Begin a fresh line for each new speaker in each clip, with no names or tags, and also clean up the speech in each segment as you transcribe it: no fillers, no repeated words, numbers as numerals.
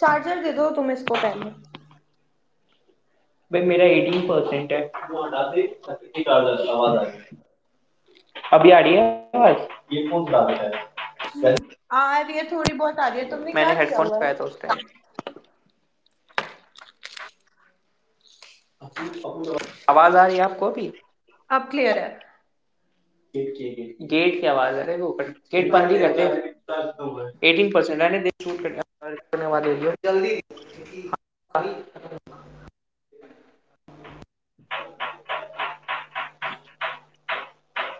Charger दे दो तुम इसको पहले
भाई मेरा एटीन परसेंट है। वो हटाते चक्कर की आवाज आ रही है। अभी आ रही है आवाज। ये फोन डाल देता है।
आ रही है, थोड़ी बहुत आ रही है, तुमने
मैंने
क्या
हेडफोन
किया हुआ है?
लगाया था उस टाइम। आवाज आ रही है आपको अभी?
अब क्लियर है?
गेट के गेट की आवाज आ रही है वो कर। गेट बंद ही कर दे। एटीन परसेंट रहने दे शूट करने वाले लिए।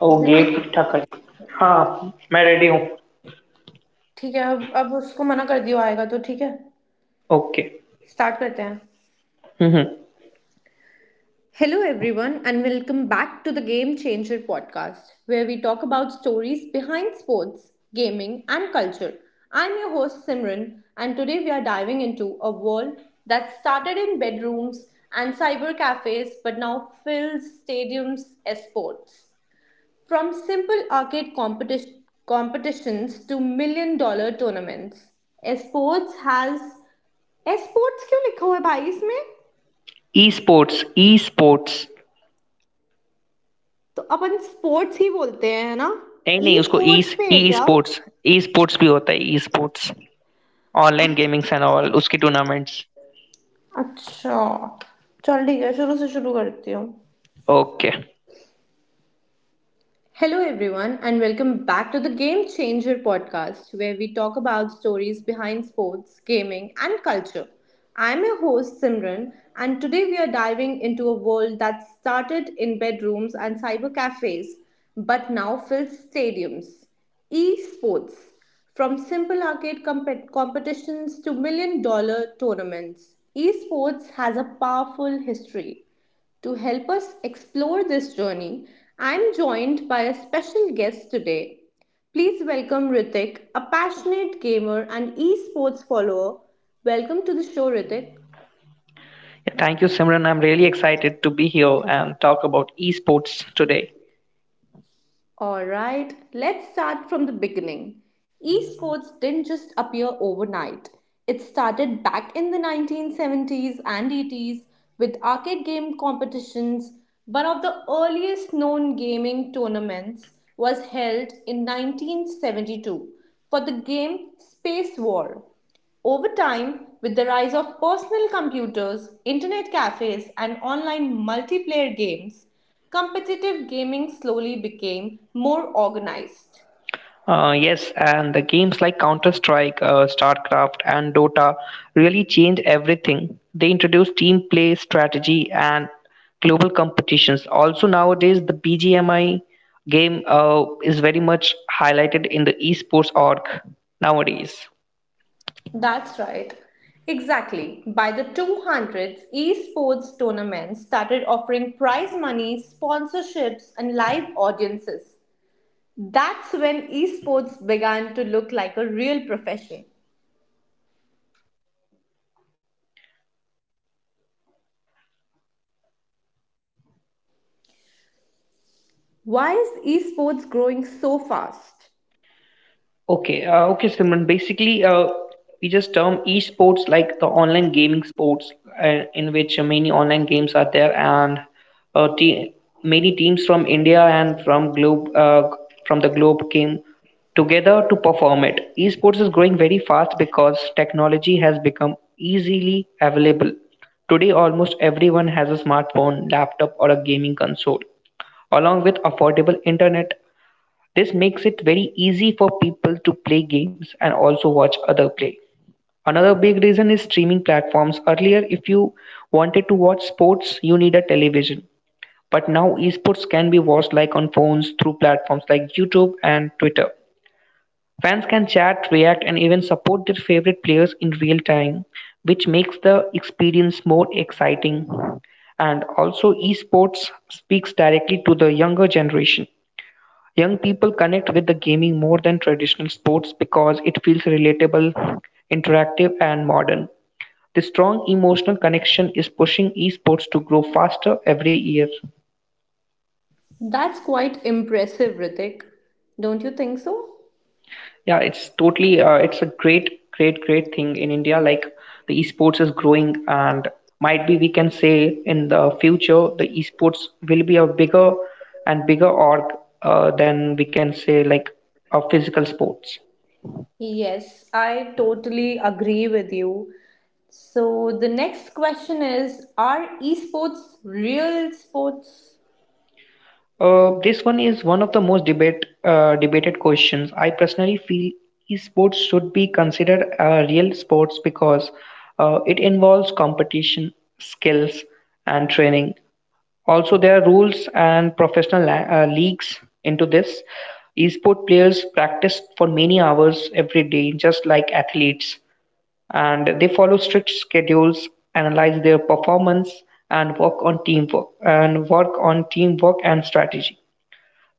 वो
ऋतिक,
गेट ठीक ठाक कर। हाँ, मैं रेडी हूँ।
ठीक है अब अब उसको मना कर दियो, आएगा तो ठीक है.
ओके।
स्टार्ट करते हैं.
हम्म।
Hello, everyone, and welcome back to the Game Changer podcast, where we talk about stories behind sports, gaming, and culture. I'm your host, Simran, and today we are diving into a world that started in bedrooms and cyber cafes but now fills stadiums as sports. From simple arcade competitions to million dollar tournaments. Esports has esports क्यों लिखा हुआ है भाई इसमें?
E sports.
तो अपन sports ही बोलते हैं, है ना?
नहीं,
ई
उसको ई।
स्पोर्ट्स पे है
ई
क्या?
स्पोर्ट्स। ई स्पोर्ट्स भी होता है e sports. Online gamings and all उसके टूर्नामेंट्स।
अच्छा, चल ठीक है, शुरू से शुरू करती हूँ.
Okay.
Hello, everyone, and welcome back to the Game Changer podcast, where we talk about stories behind sports, gaming, and culture. I'm your host, Simran, and today we are diving into a world that started in bedrooms and cyber cafes but now fills stadiums. Esports, from simple arcade competitions to million dollar tournaments, esports has a powerful history. To help us explore this journey, I'm joined by a special guest today. Please welcome Ritik, a passionate gamer and esports follower. Welcome to the show, Ritik.
Yeah, thank you, Simran. I'm really excited to be here and talk about esports today.
All right, let's start from the beginning. Esports didn't just appear overnight. It started back in the 1970s and 80s with arcade game competitions. One of the earliest known gaming tournaments was held in 1972 for the game Space War. Over time, with the rise of personal computers, internet cafes, and online multiplayer games, competitive gaming slowly became more organized.
Yes, and the games like Counter Strike, StarCraft, and Dota really changed everything. They introduced team play, strategy, and global competitions. Also, nowadays, the BGMI game is very much highlighted in the esports org nowadays.
That's right. Exactly. By the 200s, esports tournaments started offering prize money, sponsorships, and live audiences. That's when esports began to look like a real profession. Why is esports growing so fast?
Okay, Simran. Basically, we just term esports like the online gaming sports, in which many online games are there, and uh, te- many teams from India and from the globe came together to perform it. Esports is growing very fast because technology has become easily available. Today, almost everyone has a smartphone, laptop, or a gaming console along with affordable internet. This makes it very easy for people to play games and also watch other play. Another big reason is streaming platforms. Earlier, if you wanted to watch sports, you need a television. But now esports can be watched like on phones through platforms like YouTube and Twitter. Fans can chat, react, and even support their favorite players in real time, which makes the experience more exciting. And also, esports speaks directly to the younger generation. Young people connect with the gaming more than traditional sports because it feels relatable, interactive, and modern. The strong emotional connection is pushing esports to grow faster every year.
That's quite impressive, Ritik. Don't you think so?
Yeah, it's totally, it's a great thing in India. Like the esports is growing, and might be we can say in the future the esports will be a bigger and bigger org than we can say like a physical sports.
Yes, I totally agree with you. So, the next question is, are esports real sports?
This one is one of the most debated questions. I personally feel esports should be considered a real sports because it involves competition, skills, and training. Also, there are rules and professional leagues into this. Esport players practice for many hours every day, just like athletes, and they follow strict schedules, analyze their performance, and work on teamwork and strategy.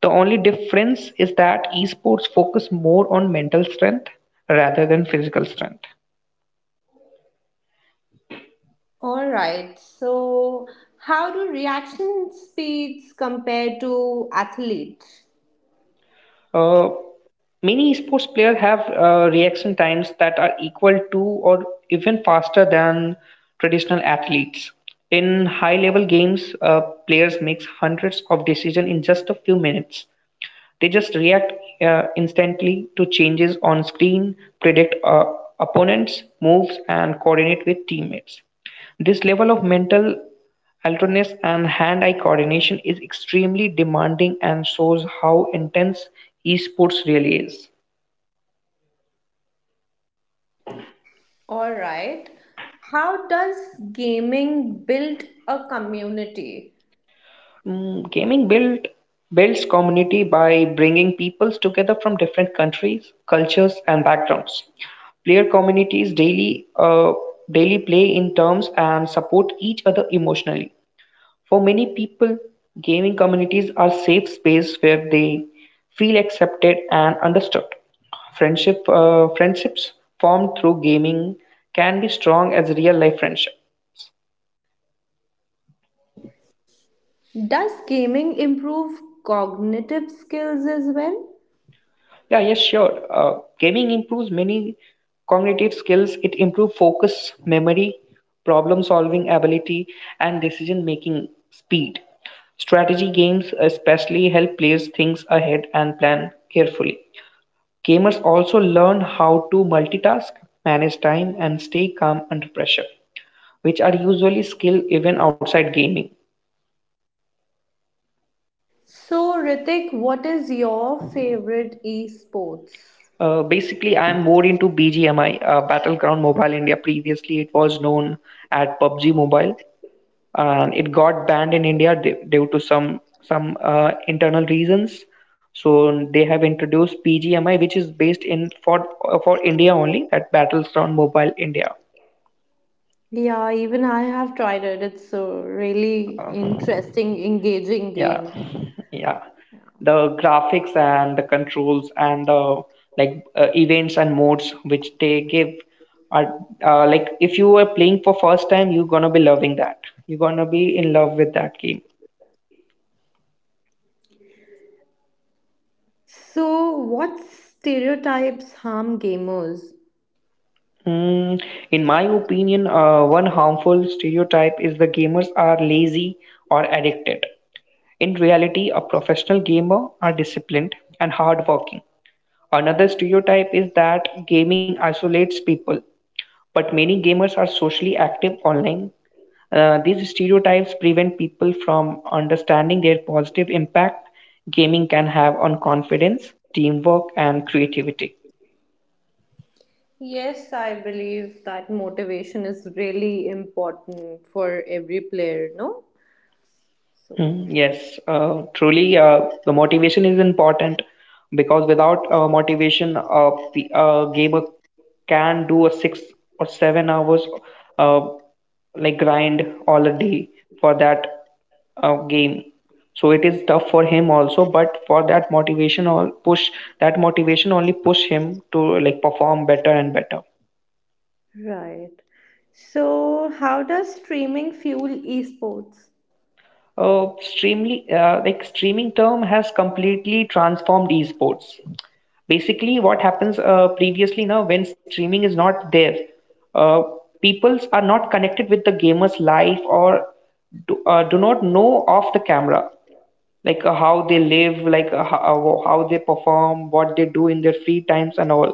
The only difference is that esports focus more on mental strength rather than physical strength.
Alright, so how do reaction speeds compare to athletes?
Uh, many esports players have reaction times that are equal to or even faster than traditional athletes. In high level games, players make hundreds of decisions in just a few minutes. They just react instantly to changes on screen, predict opponents' moves, and coordinate with teammates. This level of mental alertness and hand eye coordination is extremely demanding and shows how intense esports really is.
Alright, how does gaming build a community?
Mm, gaming build builds community by bringing peoples together from different countries, cultures, and backgrounds. Player communities daily daily play in terms and support each other emotionally. For many people, gaming communities are safe space where they feel accepted and understood. Friendships formed through gaming can be strong as real life friendship.
Does gaming improve cognitive skills as well?
Yeah, yes, sure. Gaming improves many cognitive skills. It improves focus, memory, problem solving ability, and decision making speed. Strategy games especially help players think ahead and plan carefully. Gamers also learn how to multitask, manage time, and stay calm under pressure, which are usually skills even outside gaming.
So, Ritik, what is your favorite esports?
Basically, I am more into BGMI, Battleground Mobile India. Previously, it was known at PUBG Mobile, and it got banned in India due to some internal reasons. So they have introduced PGMI, which is based in for India only at Battleground Mobile India.
Yeah, even I have tried it. It's a really interesting, engaging
Yeah,
game.
yeah. The graphics and the controls and the events and modes which they give are like if you are playing for first time, you're gonna be loving that. You're gonna be in love with that game.
So, what stereotypes harm gamers?
Mm, in my opinion, one harmful stereotype is the gamers are lazy or addicted. In reality, a professional gamer are disciplined and hardworking. Another stereotype is that gaming isolates people, but many gamers are socially active online. These stereotypes prevent people from understanding their positive impact gaming can have on confidence, teamwork, and creativity.
Yes, I believe that motivation is really important for every player, no? So,
Hmm. Yes, truly, the motivation is important because without motivation, a gamer can do a 6 or 7 hours uh, like grind all a day for that game. So it is tough for him also, but for that motivation only push him to like perform better and better.
right. So, how does streaming fuel esports?
Streamly, like streaming term has completely transformed esports. Basically what happens previously now when streaming is not there, uh, peoples are not connected with the gamer's life or do not know of the camera like how they live like how they perform what they do in their free times and all.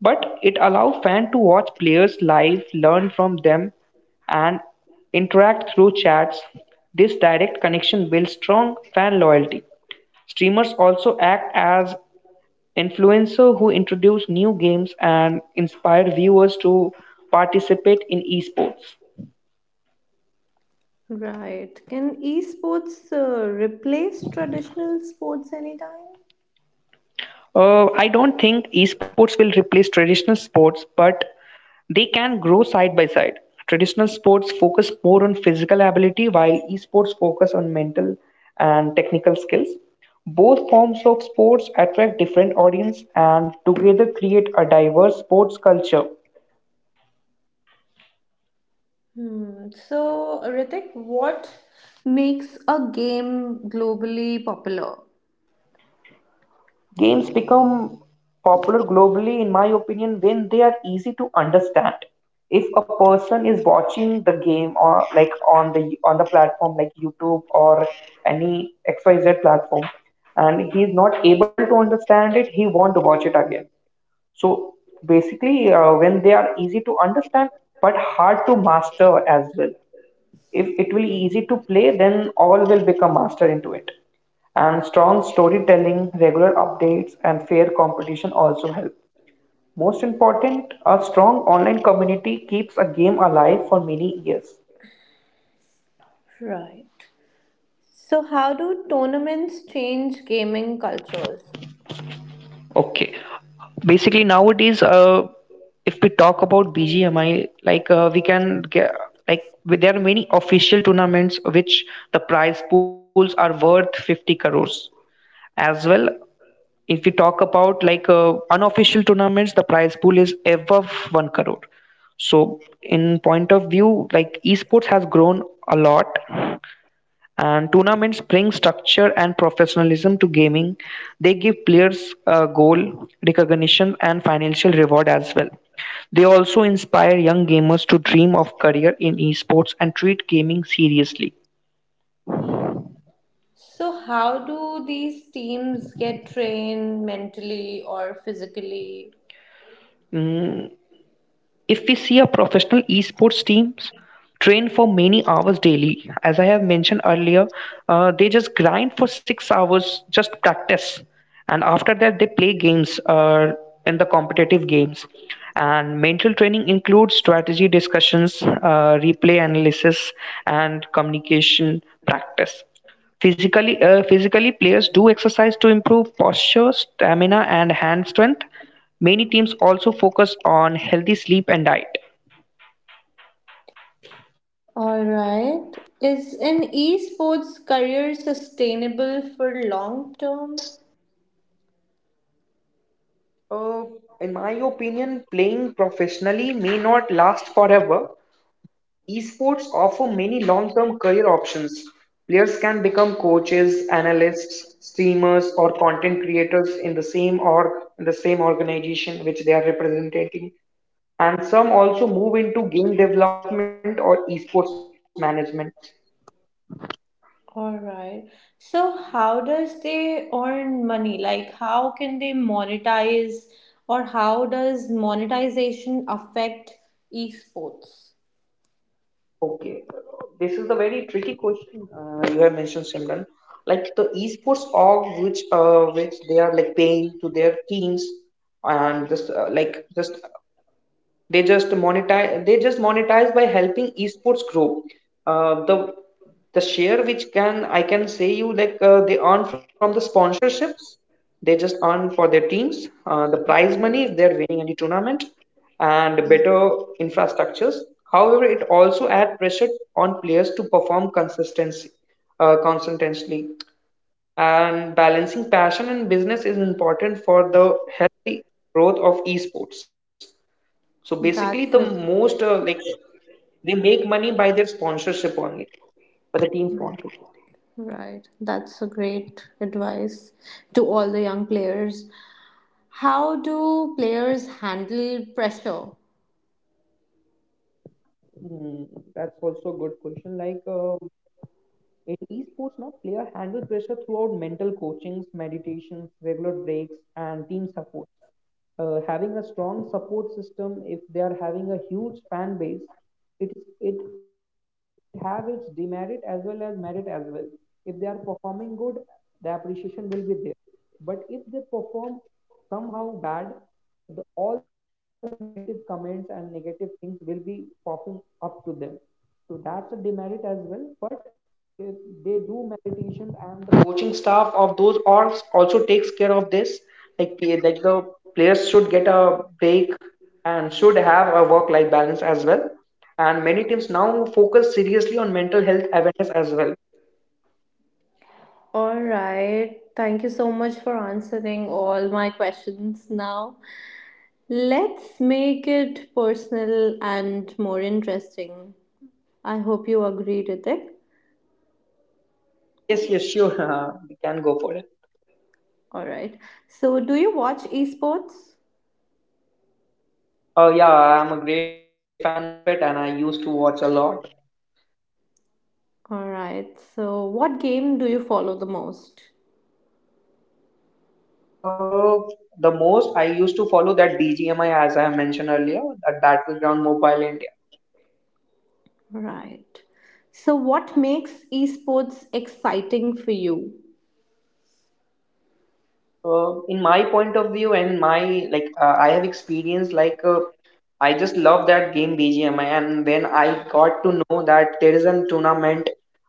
But it allows fans to watch players live learn from them and interact through chats. This direct connection builds strong fan loyalty. Streamers also act as Influencers who introduce new games and inspire viewers to participate in esports.
Right. Can esports replace traditional sports anytime?
I don't think esports will replace traditional sports, but they can grow side by side. Traditional sports focus more on physical ability, while esports focus on mental and technical skills. Both forms of sports attract different audience and together create a diverse sports culture.
Hmm. So, Ritik, what makes a game globally popular?
Games become popular globally, in my opinion, when they are easy to understand. If a person is watching the game or like on the platform like YouTube or any XYZ platform and he is not able to understand it, he want to watch it again. So basically, when they are easy to understand but hard to master as well. If it will be easy to play then all will become master into it, and strong storytelling regular updates and fair competition also help. Most important a strong online community keeps a game alive for many years.
Right. So, how do tournaments change gaming cultures?
Okay. Basically, nowadays, if we talk about BGMI, we can get like there are many official tournaments which the prize pools are worth 50 crores as well. If we talk about like unofficial tournaments, the prize pool is above 1 crore. So, in point of view, like esports has grown a lot, and tournaments bring structure and professionalism to gaming. They give players a goal, recognition, and financial reward as well. They also inspire young gamers to dream of career in esports and treat gaming seriously.
So, how do these teams get trained mentally or physically?
Mm, if we see a professional esports teams train for many hours daily, as I have mentioned earlier, they just grind for 6 hours, just practice, and after that they play games in the competitive games. And mental training includes strategy discussions, replay analysis, and communication practice. Physically players do exercise to improve posture, stamina, and hand strength. Many teams also focus on healthy sleep and diet.
All right. Is an esports career sustainable for long term?
Uh, in my opinion, playing professionally may not last forever. Esports offer many long term career options. Players can become coaches, analysts, streamers, or content creators in the same org, in the same organization which they are representing, and some also move into game development or esports management.
All right. So how does they earn money? Like how can they monetize, or how does monetization affect esports?
Okay, this is the very tricky question you have mentioned, Simran. Like the esports org, which they are like paying to their teams and just like just they just monetize by helping esports grow, the share which can I can say you like they earn from the sponsorships. They just earn for their teams, the prize money if they're winning any tournament, and better infrastructures. However it also add pressure on players to perform consistency consistently, and balancing passion and business is important for the healthy growth of esports. So
That's a
basically, the
great,
most they make money by their sponsorship only, by the team sponsorship.
right. That's a great advice to all the young players. How do players handle pressure?
Hmm, that's also a good question. In esports, now player handle pressure throughout mental coachings, meditations, regular breaks, and team support. Having a strong support system, if they are having a huge fan base, it have its demerit as well as merit as well. If they are performing good, the appreciation will be there, but if they perform somehow bad, all the negative comments and negative things will be popping up to them. So that's a demerit as well, but if they do meditations, and the coaching staff of those orgs also takes care of this, like the players should get a break and should have a work life balance as well. And many teams now focus seriously on mental health awareness as well.
All right. Thank you so much for answering all my questions now. Let's make it personal and more interesting. I hope you agree with it.
Yes, yes, sure. We can go for it.
All right. So, do you watch esports?
Yeah, I'm a great fan of it and I used to watch a lot.
All right. So, what game do you follow the most?
Uh, the most I used to follow that BGMI, as I have mentioned earlier, that Battleground Mobile India.
All right. So, what makes esports exciting for you?
In my point of view and my I have experienced I just love that game BGMI, and when I got to know that there is a tournament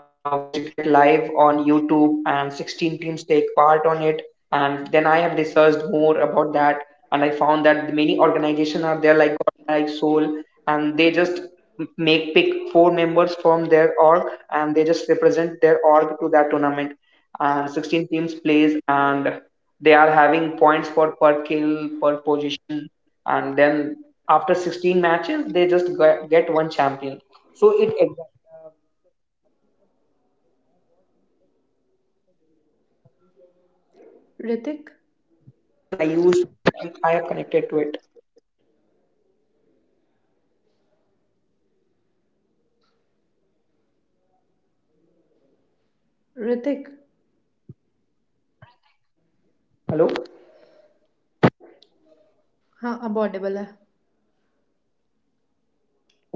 which get live on YouTube and 16 teams take part on it, and then I have researched more about that, and I found that many organizations are there, like God, like Soul, and they just make pick four members from their org, and they just represent their org to that tournament, and 16 teams plays, and they are having points for per kill per position, and then after 16 matches they just get one champion. So it exactly
Hrithik,
i used I have connected to it.
Hrithik,
Hello.
हाँ अब Audible है?
Okay.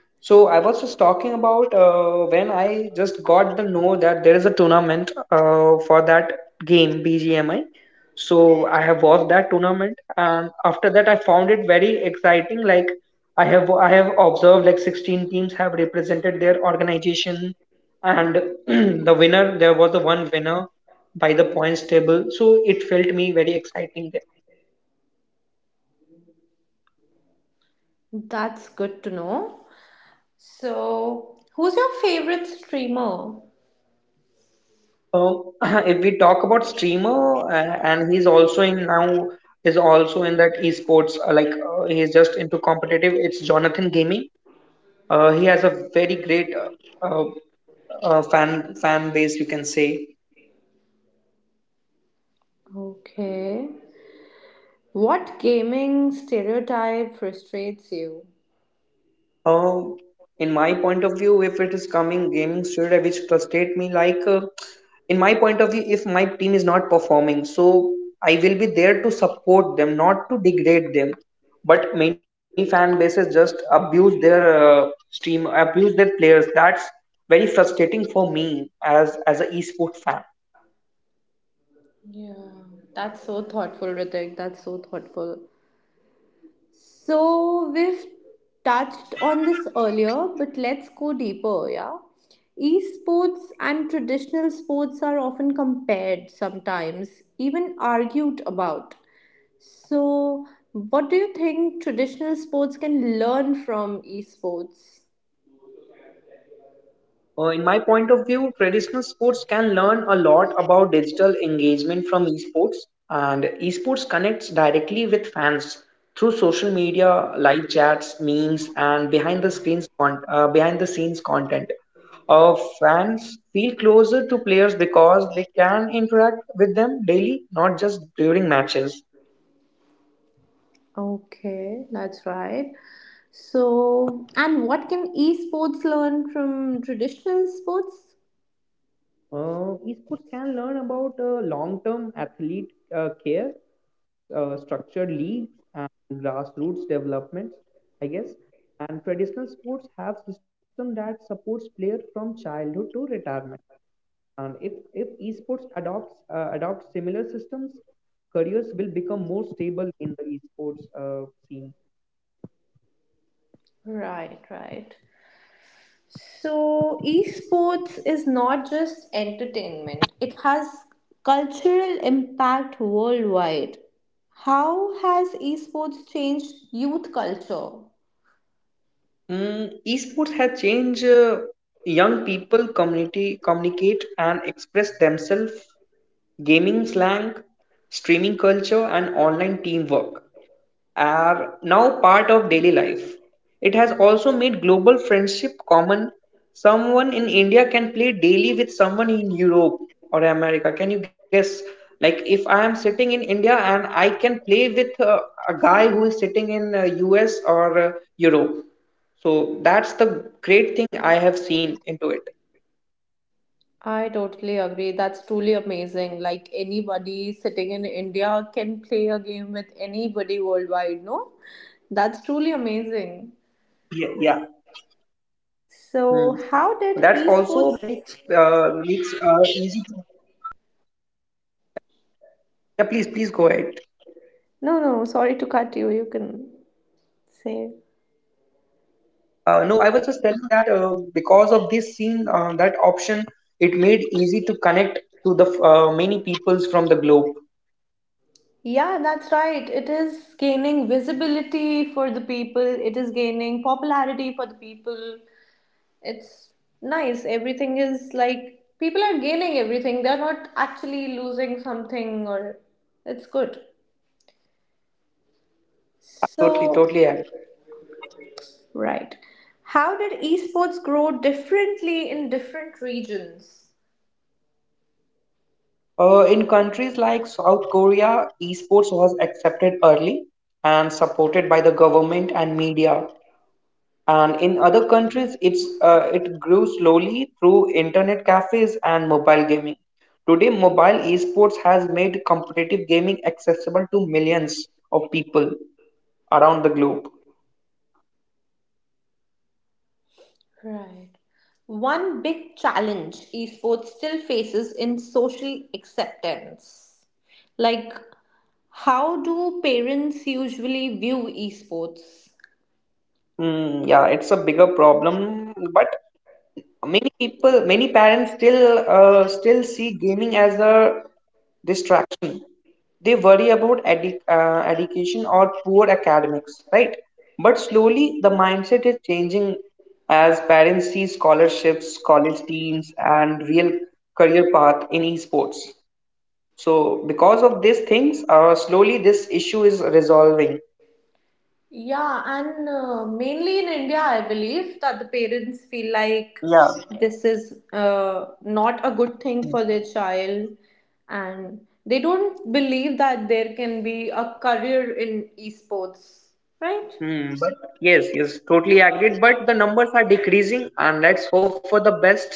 So I was just talking about when I just got the know that there is a tournament for that game BGMI. So I have watched that tournament, and after that I found it very exciting. Like, I have observed like 16 teams have represented their organization, and the winner, there was the one winner, by the points table, so it felt me very exciting there.
That's good to know. So, who's your favorite streamer?
So if we talk about streamer, and he's also in now, is also in that esports, he's just into competitive, it's Jonathan Gaming. Uh, he has a very great uh, fan base, you can say.
Okay. What gaming stereotype frustrates you?
Uh, in my point of view, if it is coming gaming studio which frustrate me, in my point of view, if my team is not performing, so I will be there to support them, not to degrade them. But many fan bases just abuse their stream, abuse their players. That's very frustrating for me as a esport fan.
Yeah, that's so thoughtful, Ritik. That's so thoughtful. So, we've touched on this earlier, but let's go deeper, yeah? Esports and traditional sports are often compared sometimes, even argued about. So, what do you think traditional sports can learn from esports?
In my point of view, traditional sports can learn a lot about digital engagement from esports, and esports connects directly with fans through social media, live chats, memes, and behind the scenes content. Uh, Fans feel closer to players because they can interact with them daily, not just during matches.
Okay, that's right. So, and what can esports learn from traditional sports?
Esports can learn about long-term athlete care, structured leagues, and grassroots developments, I guess. And traditional sports have system that supports players from childhood to retirement. And if esports adopts similar systems, careers will become more stable in the esports scene.
Right, right. So, esports is not just entertainment, it has cultural impact worldwide. How has esports changed youth culture?
Mm, esports has changed young people community communicate and express themselves. Gaming slang, streaming culture, and online teamwork are now part of daily life. It has also made global friendship common. Someone in India can play daily with someone in Europe or America. Can you guess? Like, if I am sitting in India and I can play with a guy who is sitting in US or Europe. So, that's the great thing I have seen into it.
I totally agree. That's truly amazing. Like anybody sitting in India can play a game with anybody worldwide, no?
Yeah,
That's
yeah.
truly amazing.
Hmm. That's also
So, how
makes
did
easy.
esports?
Yeah, please, please go ahead.
No, no, sorry to cut you. You can
No,
say.
I was just telling that because of this scene, that option, it made easy to connect to the many peoples from the globe.
Yeah, that's right. It is gaining visibility for the people, it is gaining popularity for the people. It's nice, everything is like people are gaining everything, they're not actually losing something, or it's good.
Totally, totally agree.
So, right, how did esports grow differently in different regions?
In countries like South Korea, esports was accepted early and supported by the government and media. And in other countries, it grew slowly through internet cafes and mobile gaming. Today, mobile esports has made competitive gaming accessible to millions of people around the globe.
Right. One big challenge esports still faces in social acceptance, like how do parents usually view esports?
Hmm, yeah, it's a bigger problem, but many people, many parents still still see gaming as a distraction. They worry about education or poor academics, right? But slowly the mindset is changing, as parents see scholarships, college teams, and real career path in esports. So because of these things, slowly this issue is resolving.
Yeah, and mainly in India, I believe that the parents feel like
Yeah.
this is not a good thing for their child, and they don't believe that there can be a career in esports, right?
Hmm, but yes, yes, totally agreed. But the numbers are decreasing, and let's hope for the best.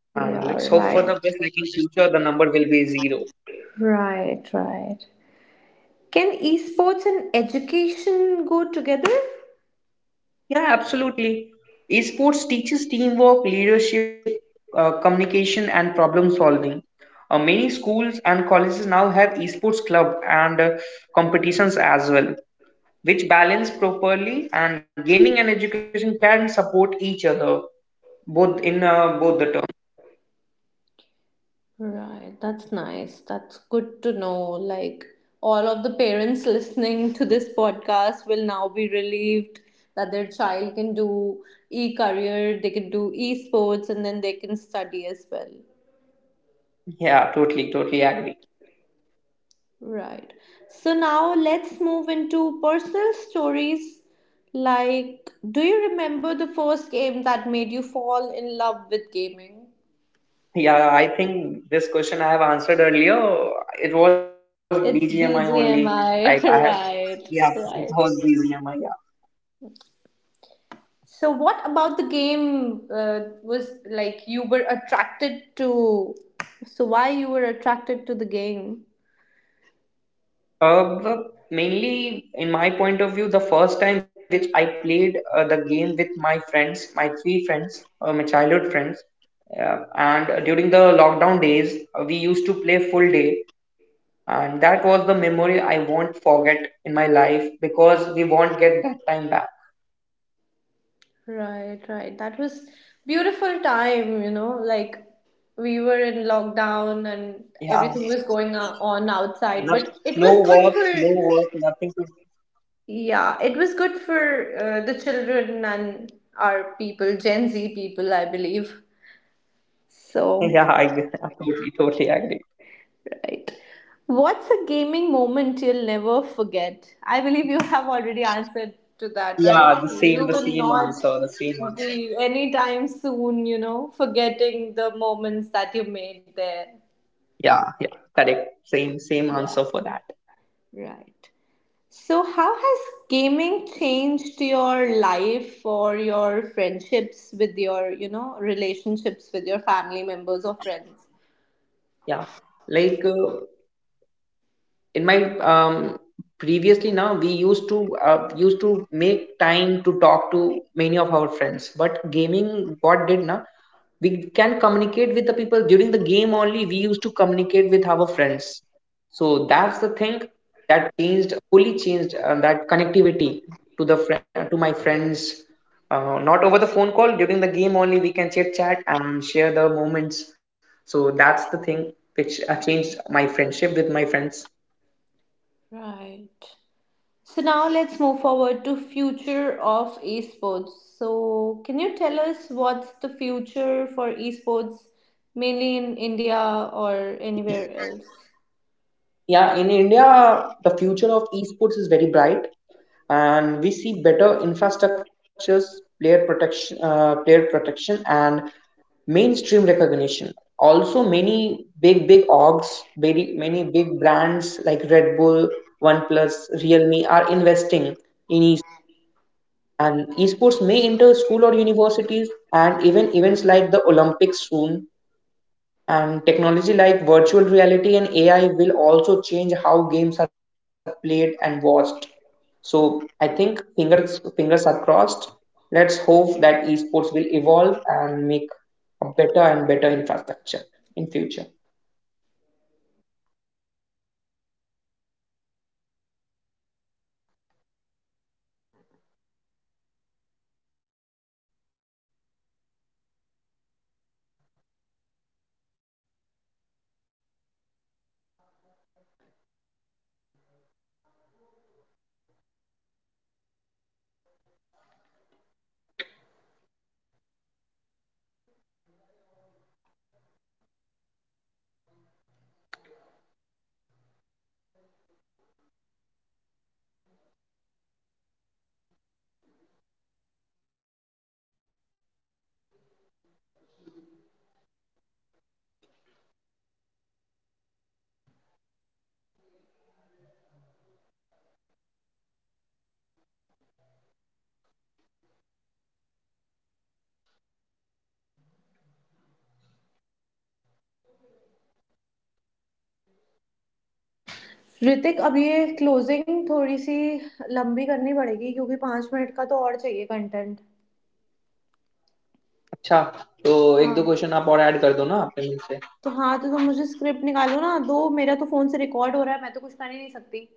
And let's
Yeah,
hope for the
right.
best. Like in future, the number will be zero.
Right, right. Can esports and education go together?
Yeah, absolutely. Esports teaches teamwork, leadership, communication, and problem solving. Many schools and colleges now have esports club and competitions as well, which balance properly. And gaming and education can support each other both in both the terms.
Right, that's nice. That's good to know. Like, all of the parents listening to this podcast will now be relieved that their child can do e career, they can do e sports, and then they can study as well.
Yeah, totally, totally agree.
Right. So, now let's move into personal stories. Like, do you remember the first game that made you fall in love with gaming?
Yeah, I think this question I have answered earlier. It was
It's
BGMI only. Like I
BGMI,
have,
right?
yeah, it was
Right.
BGMI. Yeah.
So, what about the game was like you were attracted to? So, why you were attracted to the game?
Uh, the, Mainly in my point of view, the first time which I played the game with my friends, my three friends, my childhood friends, and during the lockdown days, we used to play full day, and that was the memory I won't forget in my life, because we won't get that time back.
Right, right. That was beautiful time, you know, like we were in
Yeah.
lockdown and everything was going
Not,
on
no
outside,
work,
but it
no
was good
work,
for,
nothing to.
yeah, it was good for the children and our people, Gen Z people, I believe.
Yeah,
So,
I, I totally, totally agree.
right. What's a gaming moment you'll never forget? I believe you have already answered to that, right?
Yeah,
You
the
will
same
not
answer, the same answer.
be anytime soon, you know, forgetting the moments that you made there.
Yeah, yeah, correct. Same, same answer for that.
Right. So, how has gaming changed your life or your friendships with your, you know, relationships with your family members or friends?
Yeah, like uh, in my previously now we used to make time to talk to many of our friends, but gaming what did now, we can communicate with the people. During the game only, we used to communicate with our friends. So that's the thing that changed, fully changed that connectivity to the to my friends, not over the phone call. During the game only, we can chit chat and share the moments. So that's the thing which changed my friendship with my friends.
Right. So now let's move forward to future of esports. So can you tell us what's the future for esports, mainly in India, or anywhere else?
Yeah, in India, the future of esports is very bright, and we see better infrastructures, player protection, and mainstream recognition. Also, many big, big orgs, very many big brands like Red Bull, OnePlus, Realme are investing in esports. And esports may enter school or universities, and even events like the Olympics soon. And technology like virtual reality and AI will also change how games are played and watched. So I think fingers are crossed. Let's hope that esports will evolve and make a better and better infrastructure in future.
Hrithik, अब ये closing थोड़ी सी लंबी करनी पड़ेगी क्योंकि पाँच minute का तो और चाहिए कंटेंट.
अच्छा, तो एक दो क्वेश्चन आप और ऐड कर दो ना आपने
तो
मुझसे.
हाँ, तो तुम मुझे स्क्रिप्ट निकालो ना, दो. मेरा तो फ़ोन से रिकॉर्ड हो रहा है, मैं तो कुछ कर ही नहीं सकती.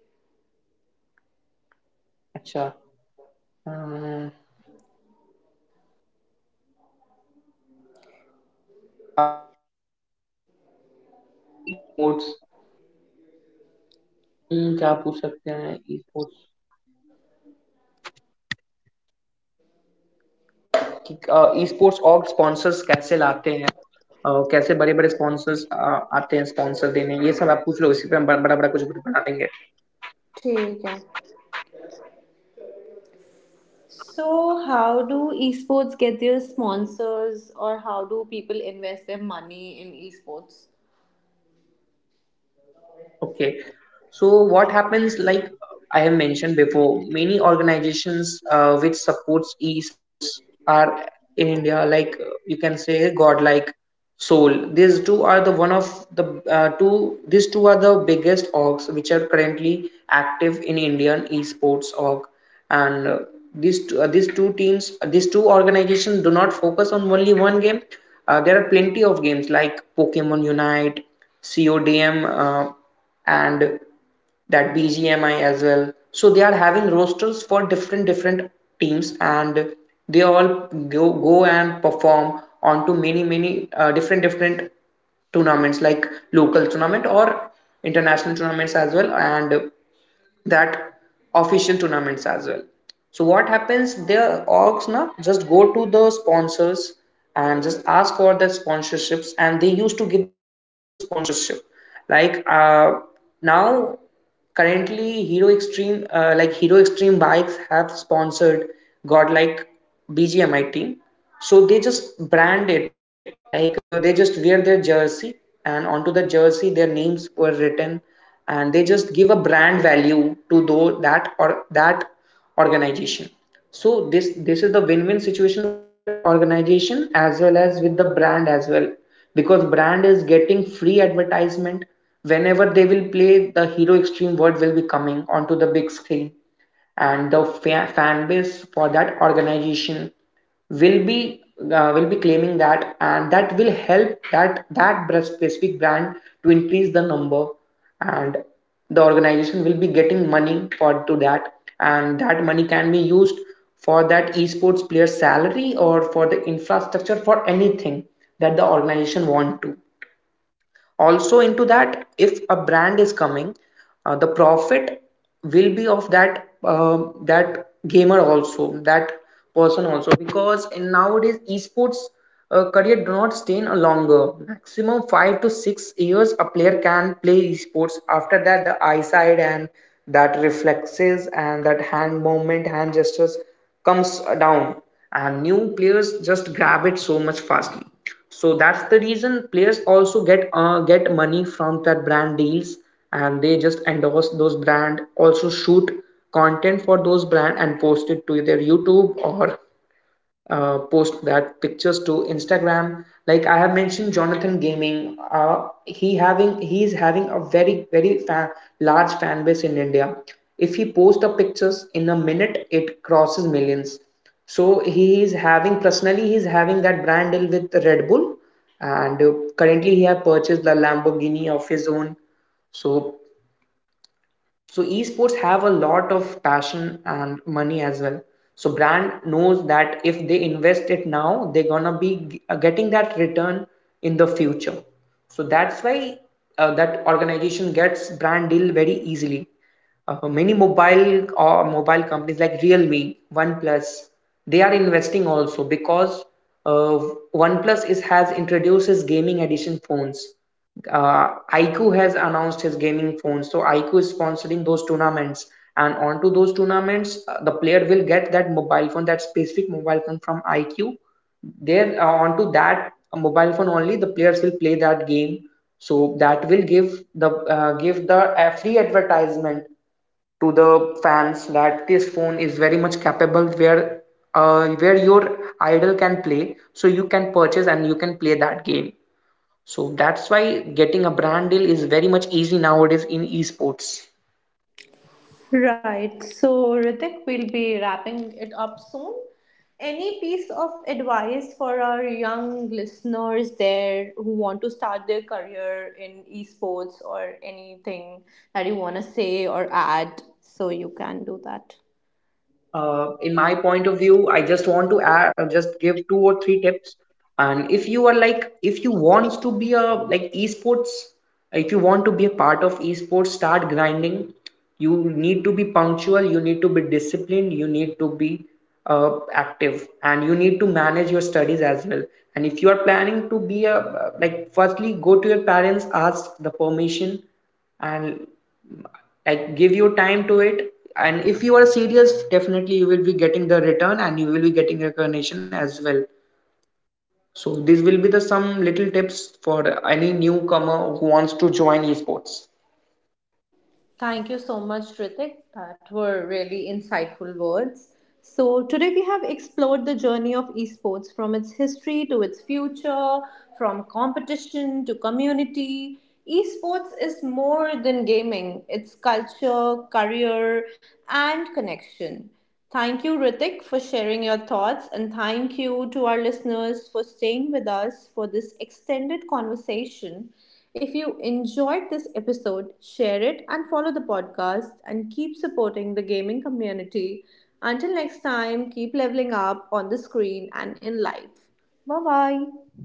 अच्छा. अम, आप ये पूछ लो ना कि स्पोर्ट्स, क्या पूछ सकते हैं ई, कि ईस्पोर्ट्स और स्पॉन्सर्स कैसे लाते हैं. कैसे बड़े बड़े स्पॉन्सर्स आते हैं स्पॉन्सर देने, ये सब आप पूछ लो, इसी पे हम बड़ा बड़ा कुछ बना देंगे.
ठीक है. So, how do esports get their sponsors, or how do people invest their money in esports?
Okay so what happens, like I have mentioned before, many organizations which supports esports are in India, like you can say GodLike, Soul. These two are the one of the two, these two are the biggest orgs which are currently active in Indian esports org. And these two teams, these two organizations do not focus on only one game. There are plenty of games like Pokemon Unite, CODM, and that BGMI as well. So they are having rosters for different different teams, and they all go and perform onto many many different different tournaments, like local tournament or international tournaments as well. And that official tournaments as well. So what happens? Their orgs now just go to the sponsors and just ask for the sponsorships, and they used to give the sponsorship. Like uh, now, Currently Hero Extreme, like Hero Extreme bikes have sponsored got like BGMI team. So they just brand it like they just wear their jersey, and onto the jersey their names were written, and they just give a brand value to though that or that organization. So this is the win-win situation for that organization as well as with the brand as well, because brand is getting free advertisement. Whenever they will play, the Hero Extreme word will be coming onto the big screen, and the fan base for that organization will be will be claiming that, and that will help that specific brand to increase the number. And the organization will be getting money for to that, and that money can be used for that esports player salary or for the infrastructure, for anything that the organization want to. Also, into that, if a brand is coming, the profit will be of that that gamer also, that person also, because in nowadays esports, career do not stay in a longer, maximum 5 to 6 years a player can play esports. After that, the eyesight and that reflexes and that hand movement, hand gestures comes down, and new players just grab it so much fastly. So that's the reason players also get money from that brand deals, and they just endorse those brand, also shoot content for those brand and post it to their YouTube, or post that pictures to Instagram. Like I have mentioned, Jonathan Gaming, he is having a very very large fan base in India. If he posts a pictures in a minute, it crosses millions. So he is having personally he is having that brand deal with Red Bull, and currently he have purchased the Lamborghini of his own. So so esports have a lot of passion and money as well. So brand knows that if they invest it now, they're gonna be getting that return in the future. So that's why that organization gets brand deal very easily. Many mobile or mobile companies like Realme, OnePlus, they are investing also, because uh, OnePlus is has introduced his gaming edition phones. Uh, IQ has announced his gaming phones, so IQ is sponsoring those tournaments. And onto those tournaments, the player will get that mobile phone, that specific mobile phone from IQ. There, onto that mobile phone only, the players will play that game, so that will give the uh, give the a free advertisement to the fans that this phone is very much capable where your idol can play, so you can purchase and you can play that game. So that's why getting a brand deal is very much easy nowadays in esports.
Right. So, Ritik, we'll be wrapping it up soon. Any piece of advice for our young listeners there who want to start their career in esports, or anything that you want to say or add? So, you can do that.
In my point of view, I just want to add just give 2 or 3 tips. And if you are like, if you want to be a like esports, if you want to be a part of esports, start grinding. You need to be punctual, you need to be disciplined, you need to be active, and you need to manage your studies as well. And if you are planning to be a like, firstly go to your parents, ask the permission, and like give you time to it. And if you are serious, definitely you will be getting the return, and you will be getting recognition as well. So these will be the some little tips for any newcomer who wants to join esports.
Thank you so much, Ritik. That were really insightful words. So, today we have explored the journey of esports from its history to its future, from competition to community. Esports is more than gaming, it's culture, career, and connection. Thank you, Ritik, for sharing your thoughts, and thank you to our listeners for staying with us for this extended conversation. If you enjoyed this episode, share it and follow the podcast and keep supporting the gaming community. Until next time, keep leveling up on the screen and in life. Bye bye.